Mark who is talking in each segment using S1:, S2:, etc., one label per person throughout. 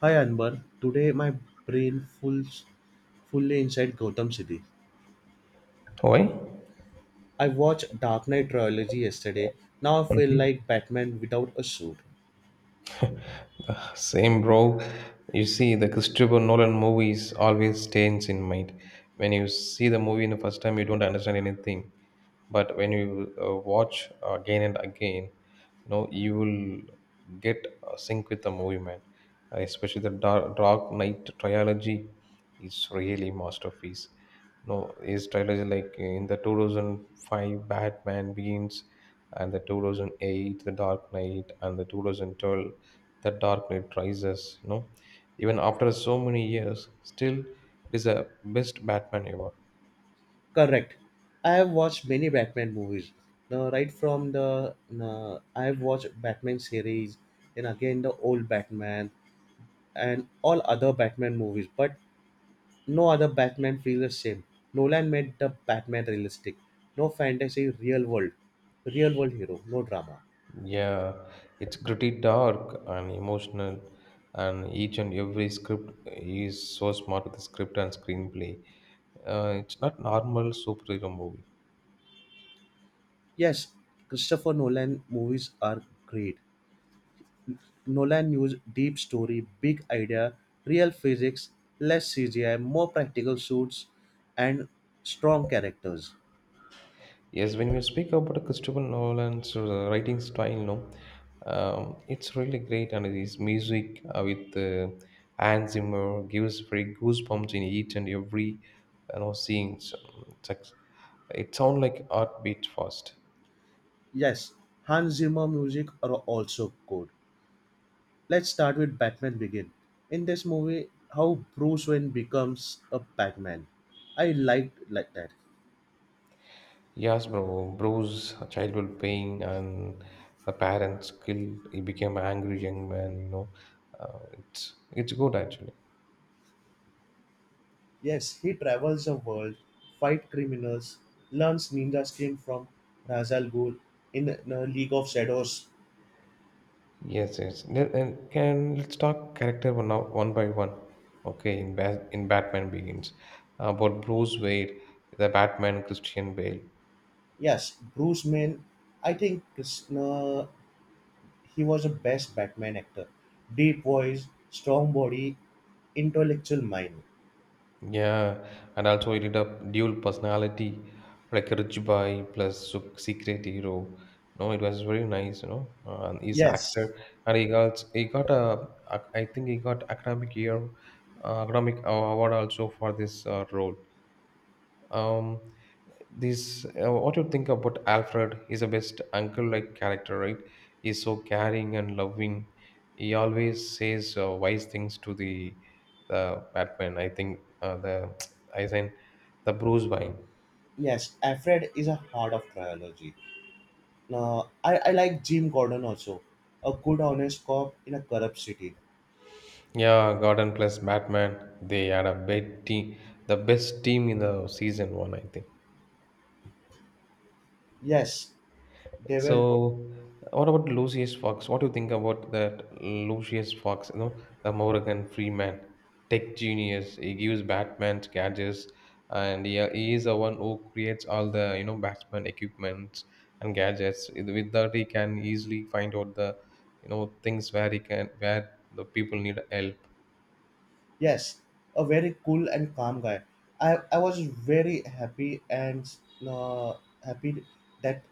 S1: Hi Anbar, today my brain full, fully inside Gotham City.
S2: Why?
S1: I watched Dark Knight trilogy yesterday. Now I feel like Batman without a suit.
S2: Same, bro. You see, the Christopher Nolan movies always stays in mind. When you see the movie in the first time, you don't understand anything. But when you watch again and again, you know you will get sync with the movie, man. Especially the Dark Knight trilogy is really masterpiece. No, his trilogy like in the 2005 Batman Begins and the 2008 The Dark Knight and the 2012 The Dark Knight Rises, you know. Even after so many years, still it is a best Batman ever.
S1: Correct. I have watched many Batman movies. The right from the I have watched Batman series, and again the old Batman and all other Batman movies. But no other Batman feels the same. Nolan made the Batman realistic. No fantasy, real world hero, no drama.
S2: Yeah, it's gritty, dark, and emotional, and each and every script he is so smart with the script and screenplay. It's not normal superhero movie.
S1: Yes, Christopher Nolan movies are great. Nolan used deep story, big idea, real physics, less CGI, more practical suits, and strong characters.
S2: Yes, when we speak about Christopher Nolan's writing style, no, it's really great, and his music with Hans Zimmer gives very goosebumps in each and every scenes. It's like, it sounds like art beat fast.
S1: Yes, Hans Zimmer music are also good. Let's start with Batman Begin. In this movie, how Bruce Wayne becomes a Batman. I liked like that.
S2: Yes, bro. Bro's childhood pain and the parents killed. He became an angry young man. You know, it's good actually.
S1: Yes, he travels the world, fight criminals, learns ninja skill from Ra's al Ghul in League of Shadows.
S2: Yes, yes. And can let's talk character one now, one by one. Okay, in Batman Begins, about Bruce Wayne, the Batman Christian Bale.
S1: Yes, Bruce Wayne. I think Krishna, he was the best Batman actor. Deep voice, strong body, intellectual mind.
S2: Yeah, and also he did a dual personality, like rich boy plus secret hero. No, it was very nice, you know. And he's
S1: Yes,
S2: actor, and he got I think he got academic year, academic award also for this role. um this what you think about Alfred? He's a best uncle like character, right? He's so caring and loving. He always says wise things to the Batman. I think the I think the bruce Wayne.
S1: yes. Alfred is a heart of trilogy. I like Jim Gordon also, a good honest cop in a corrupt city.
S2: Yeah, Gordon plus Batman, they had a big team, the best team in the season one, I think.
S1: Yes, they were.
S2: So, what about Lucius Fox? What do you think about that Lucius Fox? You know, the Morgan Freeman, tech genius. He gives Batman gadgets, and he is the one who creates all the Batman equipment and gadgets. With that, he can easily find out the things where he can where the people need help.
S1: Yes, a very cool and calm guy. I was very happy and uh, happy that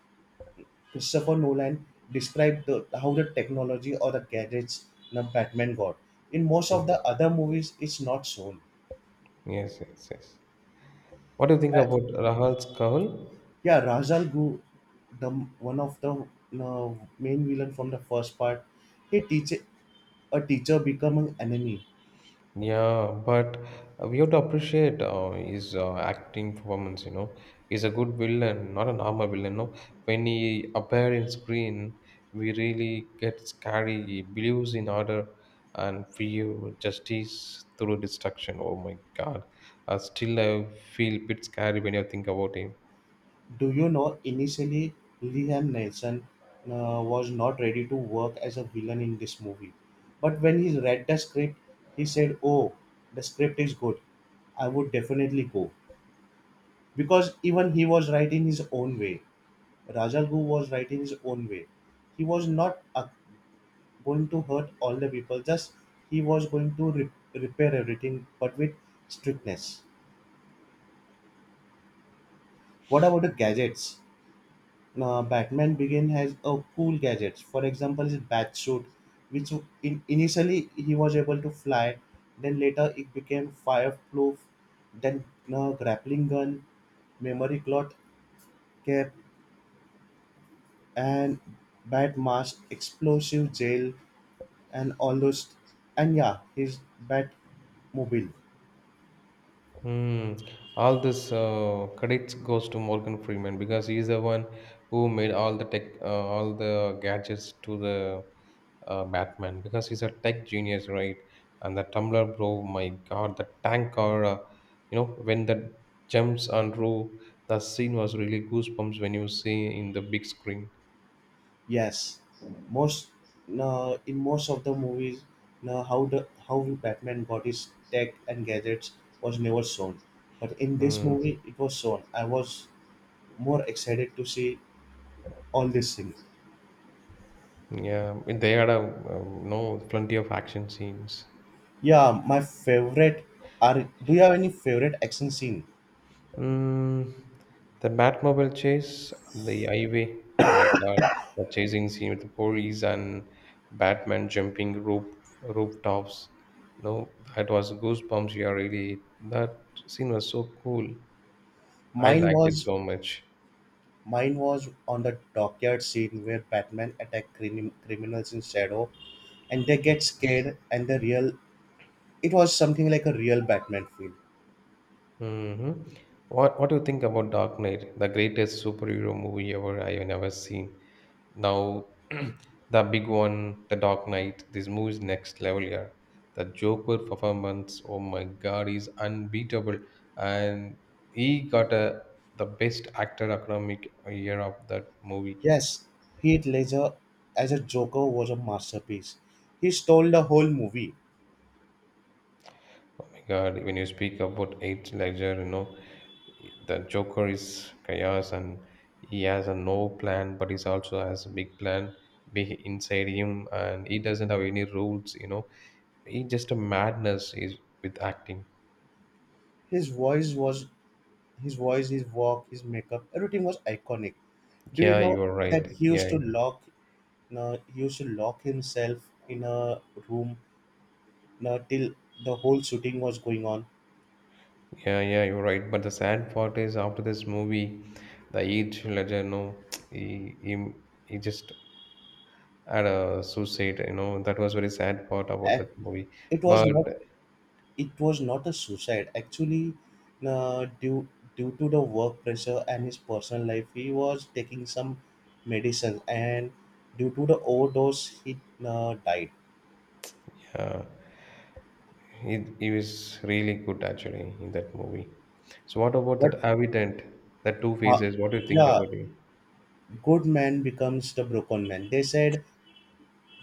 S1: Christopher Nolan described the, how the technology or the gadgets in a Batman got. In most of the
S2: Yes,
S1: other movies, it's not shown.
S2: yes, yes, yes. What do you think
S1: Uh,
S2: about Rahul Kahul?
S1: yeah, Razal Gu, the one of the main villain from the first part, he teach a teacher become an enemy.
S2: Yeah, but we have to appreciate his acting performance. You know, he's a good villain, not a normal villain. No, when he appeared in screen, we really get scary. He believes in order and fear, justice through destruction. Oh my God! Still, I feel a bit scary when I think about him.
S1: Do you know, initially, Liam Nelson was not ready to work as a villain in this movie. But when he read the script, he said, "Oh, the script is good. I would definitely go." Because even he was right in his own way. Rajal Gu was right in his own way. He was not going to hurt all the people, just he was going to repair everything, but with strictness. What about the gadgets? Batman Begin has a cool gadgets. For example, his bat suit, which initially he was able to fly, then later it became fireproof, then grappling gun, memory cloth cap, and bat mask, explosive gel, and all those. And yeah, his bat mobile.
S2: Hmm. All this credits goes to Morgan Freeman because he's the one who made all the tech, all the gadgets to the Batman because he's a tech genius, right? And the tumbler, bro, my God, the tank car, you know, when the jumps on roof, the scene was really goosebumps when you see in the big screen.
S1: Yes, most no, in most of the movies, no, how the how Batman got his tech and gadgets was never shown, but in this
S2: Hmm.
S1: movie it was shown. I was more excited to see all this thing.
S2: Yeah, they had a no plenty of action scenes.
S1: Yeah, my favorite are. Do you have any favorite action scene?
S2: Mm, the Batmobile chase on the highway. Oh my God, the chasing scene with the police and Batman jumping rooftops. No, that was goosebumps. Yeah, really, that scene was so cool. I
S1: Mine
S2: liked it
S1: was
S2: so much.
S1: mine was on the dockyard scene where Batman attack criminals in shadow, and they get scared, and the real it was something like a real Batman feel.
S2: Hmm. What do you think about Dark Knight, the greatest superhero movie ever I have never seen? Now, the big one, the Dark Knight. This movie's next level here. The Joker performance, oh my God, is unbeatable, and he got a the best actor economic year of that movie.
S1: Yes, Heath Ledger as a Joker was a masterpiece. He stole the whole movie.
S2: Oh my God, when you speak about eight ledger, you know, the Joker is chaos and he has a no plan, but he also has a big plan big inside him and he doesn't have any rules, you know. He just a madness is with acting.
S1: His voice was his voice, his walk, his makeup, everything was iconic. Do you
S2: Yeah,
S1: know
S2: you're
S1: that
S2: right.
S1: he used
S2: Yeah,
S1: to lock he used to lock himself in a room till the whole shooting was going on?
S2: yeah, yeah, you're right. But the sad part is after this movie, the eight ledger, you know, he, he, he just had a suicide, you know, that was very sad part about
S1: And
S2: that movie.
S1: it was
S2: But
S1: not, it was not a suicide actually. Due to the work pressure and his personal life he was taking some medicines, and due to the overdose he died.
S2: yeah. He was really good actually in that movie. So what about
S1: But
S2: that Avident, that two
S1: uh,
S2: faces? What do you think
S1: yeah,
S2: about him?
S1: good man becomes the broken man, they said.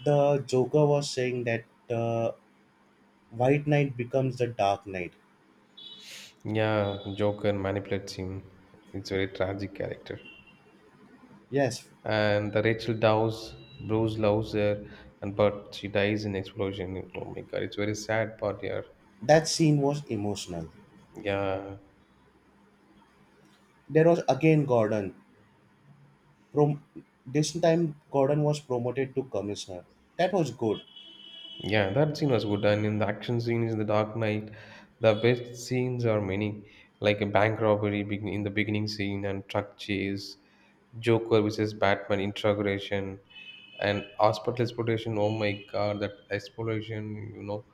S1: The Joker was saying that the white knight becomes the dark knight.
S2: Yeah, Joker manipulates him. It's a very tragic character.
S1: Yes,
S2: And the Rachel Dawes, Bruce loves her, and but she dies in explosion. Oh my god, it's very sad part here.
S1: that scene was emotional.
S2: Yeah,
S1: There was again Gordon. Prom- this time Gordon was promoted to commissioner. That was good.
S2: yeah, that scene was good. And in the action scenes in the Dark Knight, the best scenes are many, like a bank robbery in the beginning scene and truck chase, Joker versus Batman integration, and hospital exploration. Oh my god, that exploration, you know,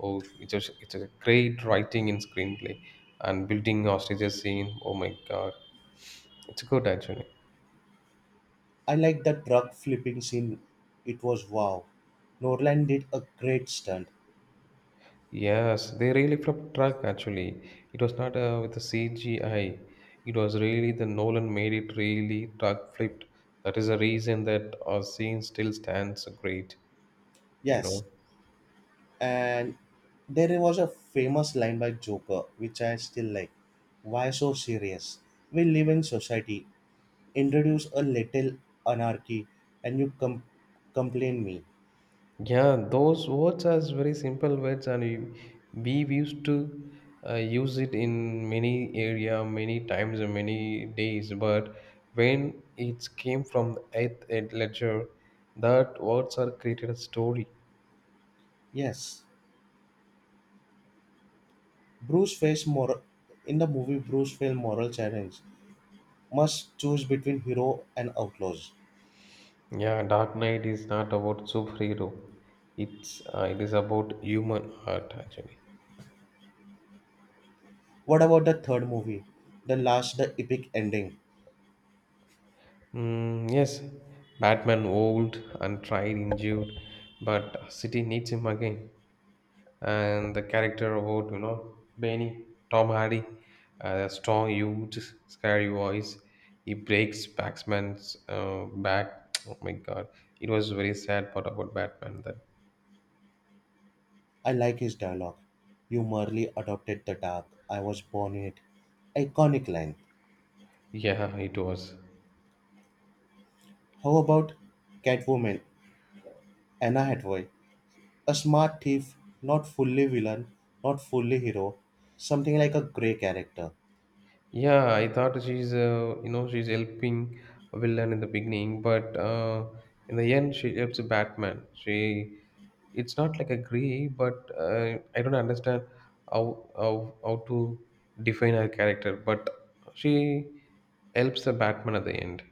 S2: oh, it's a great writing in screenplay and building hostages scene. Oh my god, it's good actually.
S1: I like that truck flipping scene. It was wow. Norland did a great stunt.
S2: Yes, they really flipped track actually. It was not with the CGI. It was really the Nolan made it really track flipped. That is the reason that our scene still stands great. You
S1: Yes,
S2: know.
S1: and there was a famous line by Joker, which I still like. Why so serious? We live in society. Introduce a little anarchy, and you complain me.
S2: Yeah, those words are very simple words, and we used to use it in many area, many times, and many days. But when it came from the eighth ed ledger, that words are created a story.
S1: Yes, Bruce faced moral in the movie. Bruce faced moral challenge. Must choose between hero and outlaws.
S2: Yeah, Dark Knight is not about superhero. It is about human heart actually.
S1: What about the third movie? The last, the epic ending.
S2: Mm, yes, Batman old and tried injured, but city needs him again. And the character about Benny Tom Hardy, a strong, huge, scary voice. He breaks Batman's back. Oh my God, it was very sad part about Batman that
S1: I like his dialogue. You merely adopted the dark. I was born in it. Iconic line.
S2: yeah, it was.
S1: How about Catwoman, Anna Hathaway? A smart thief, not fully villain, not fully hero. Something like a grey character.
S2: Yeah, I thought she's you know she's helping a villain in the beginning, but in the end she helps Batman. She it's not like agree, but I don't understand how to define her character. But she helps the Batman at the end.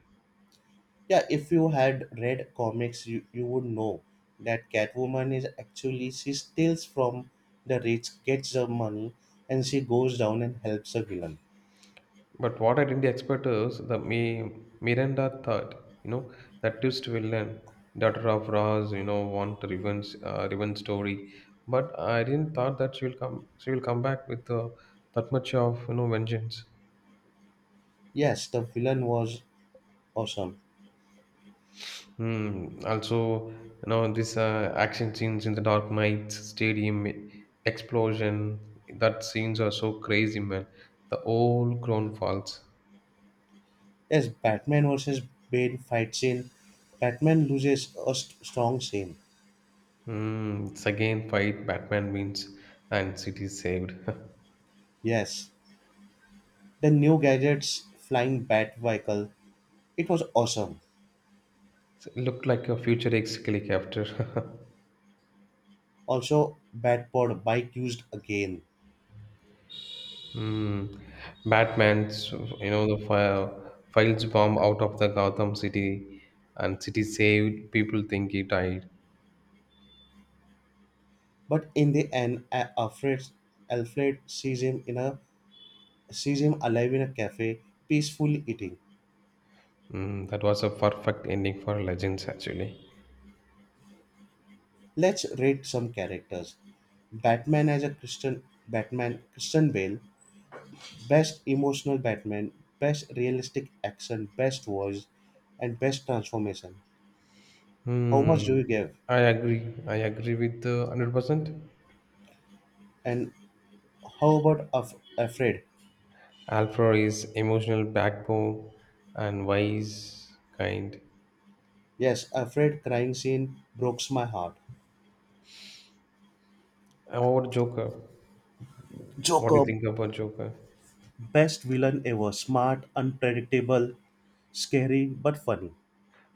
S1: Yeah, if you had read comics, you would know that Catwoman is actually, she steals from the rich, gets the money, and she goes down and helps the villain.
S2: But what I didn't expect is the Miranda thought, you know, that twist villain, daughter of Roz, you know, want revenge, revenge story. But I didn't thought that she will come. She will come back with that much of vengeance.
S1: Yes, the villain was awesome.
S2: Hmm. Also, you know, this action scenes in the Dark Knight Stadium explosion. That scenes are so crazy, man. The whole crown falls.
S1: Yes, Batman versus Bane fight scene. Batman loses a strong scene.
S2: Hmm. It's again fight. Batman wins, and city saved.
S1: Yes, the new gadgets, flying bat vehicle. It was awesome.
S2: So it looked like a futuristic after.
S1: Also, Batpod bike used again.
S2: Hmm. Batman's, you know, the fire files bomb out of the Gotham City, and city saved. People think he died.
S1: But in the end, Alfred, Alfred sees him in a sees him alive in a cafe, peacefully eating.
S2: Hmm. That was a perfect ending for Legends, actually.
S1: Let's rate some characters. Batman as a Christian Batman Christian Bale, Best Emotional Batman, Best Realistic Action, Best Voice, and Best Transformation. How much do you
S2: Hmm.
S1: give?
S2: I agree. I agree with the 100%.
S1: And how about Afraid?
S2: Alfred is emotional backbone and wise, kind.
S1: Yes, Afraid crying scene breaks my heart.
S2: About Joker, what do
S1: Joker,
S2: you think about Joker?
S1: best villain ever. Smart, unpredictable, scary, but funny.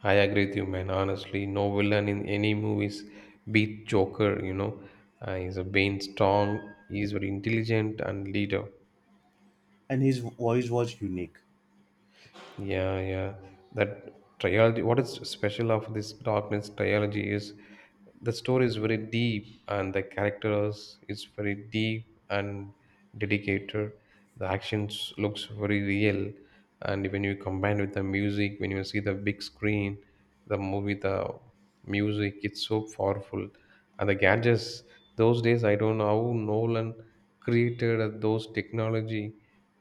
S2: I agree with you, man. Honestly, no villain in any movies beat Joker. You know, he's a Bane strong. He's very intelligent and leader.
S1: And his voice was unique.
S2: Yeah, yeah. That trilogy, what is special of this Darkness trilogy is the story is very deep and the characters is very deep and dedicated. The actions looks very real, and when you combine with the music, when you see the big screen, the movie, the music, it's so powerful. And the gadgets, those days I don't know how Nolan created those technology,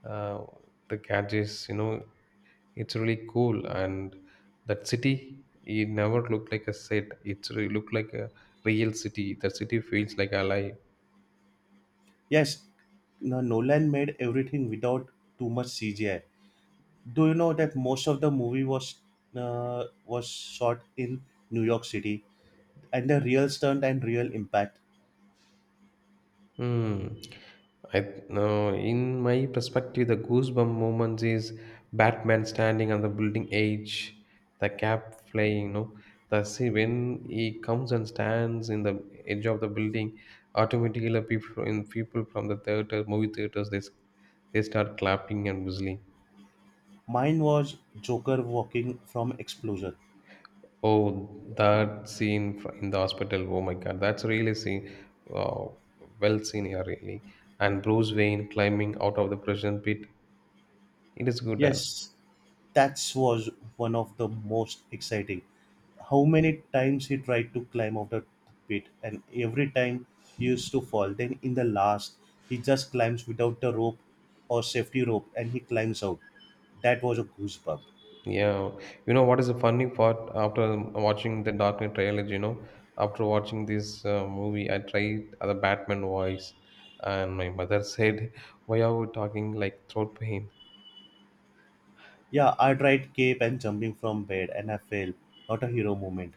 S2: uh, the gadgets, you know, it's really cool, and that city it never looked like a set. It's really looked like a real city. The city feels like alive.
S1: Yes, Nolan made everything without too much CGI. Do you know that most of the movie was shot in New York City and the real stunt and real impact.
S2: Hmm. I no. In my perspective, the goosebump moments is Batman standing on the building edge, the cap flying. You know, the see when he comes and stands in the edge of the building, automatically people from the theater, movie theaters, they start clapping and whistling.
S1: Mine was Joker walking from explosion.
S2: Oh, that scene in the hospital. Oh my God, that's really seen, uh, well seen here, really. And Bruce Wayne climbing out of the prison pit. It is good also.
S1: Yes, that was one of the most exciting. How many times he tried to climb out the pit, and every time he used to fall. Then in the last, he just climbs without the rope or safety rope, and he climbs out. That was a goosebump.
S2: Yeah, you know what is the funny part after watching the Dark Knight trailer? You know, after watching this movie, I tried the Batman voice, and my mother said, "Why are we talking like throat pain?"
S1: Yeah, I tried cape and jumping from bed, and I fell. Not a hero moment.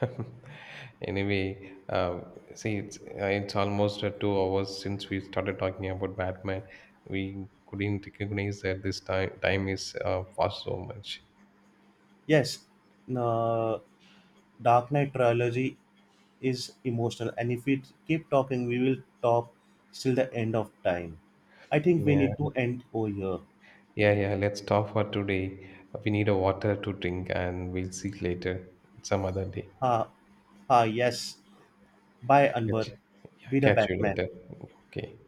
S2: Anyway, see, it's almost 2 hours since we started talking about Batman. We couldn't recognize that this time is fast so much.
S1: Yes, uh, Dark Knight trilogy is emotional and if we keep talking we will talk till the end of time. I think we
S2: Yeah,
S1: need to end over here.
S2: yeah, yeah. Let's stop for today. We need a water to drink, and we'll see later some other day.
S1: Ha ha Yes, bye Anwar.
S2: Catch, yeah,
S1: Be the
S2: catch you
S1: Batman.
S2: later. Okay.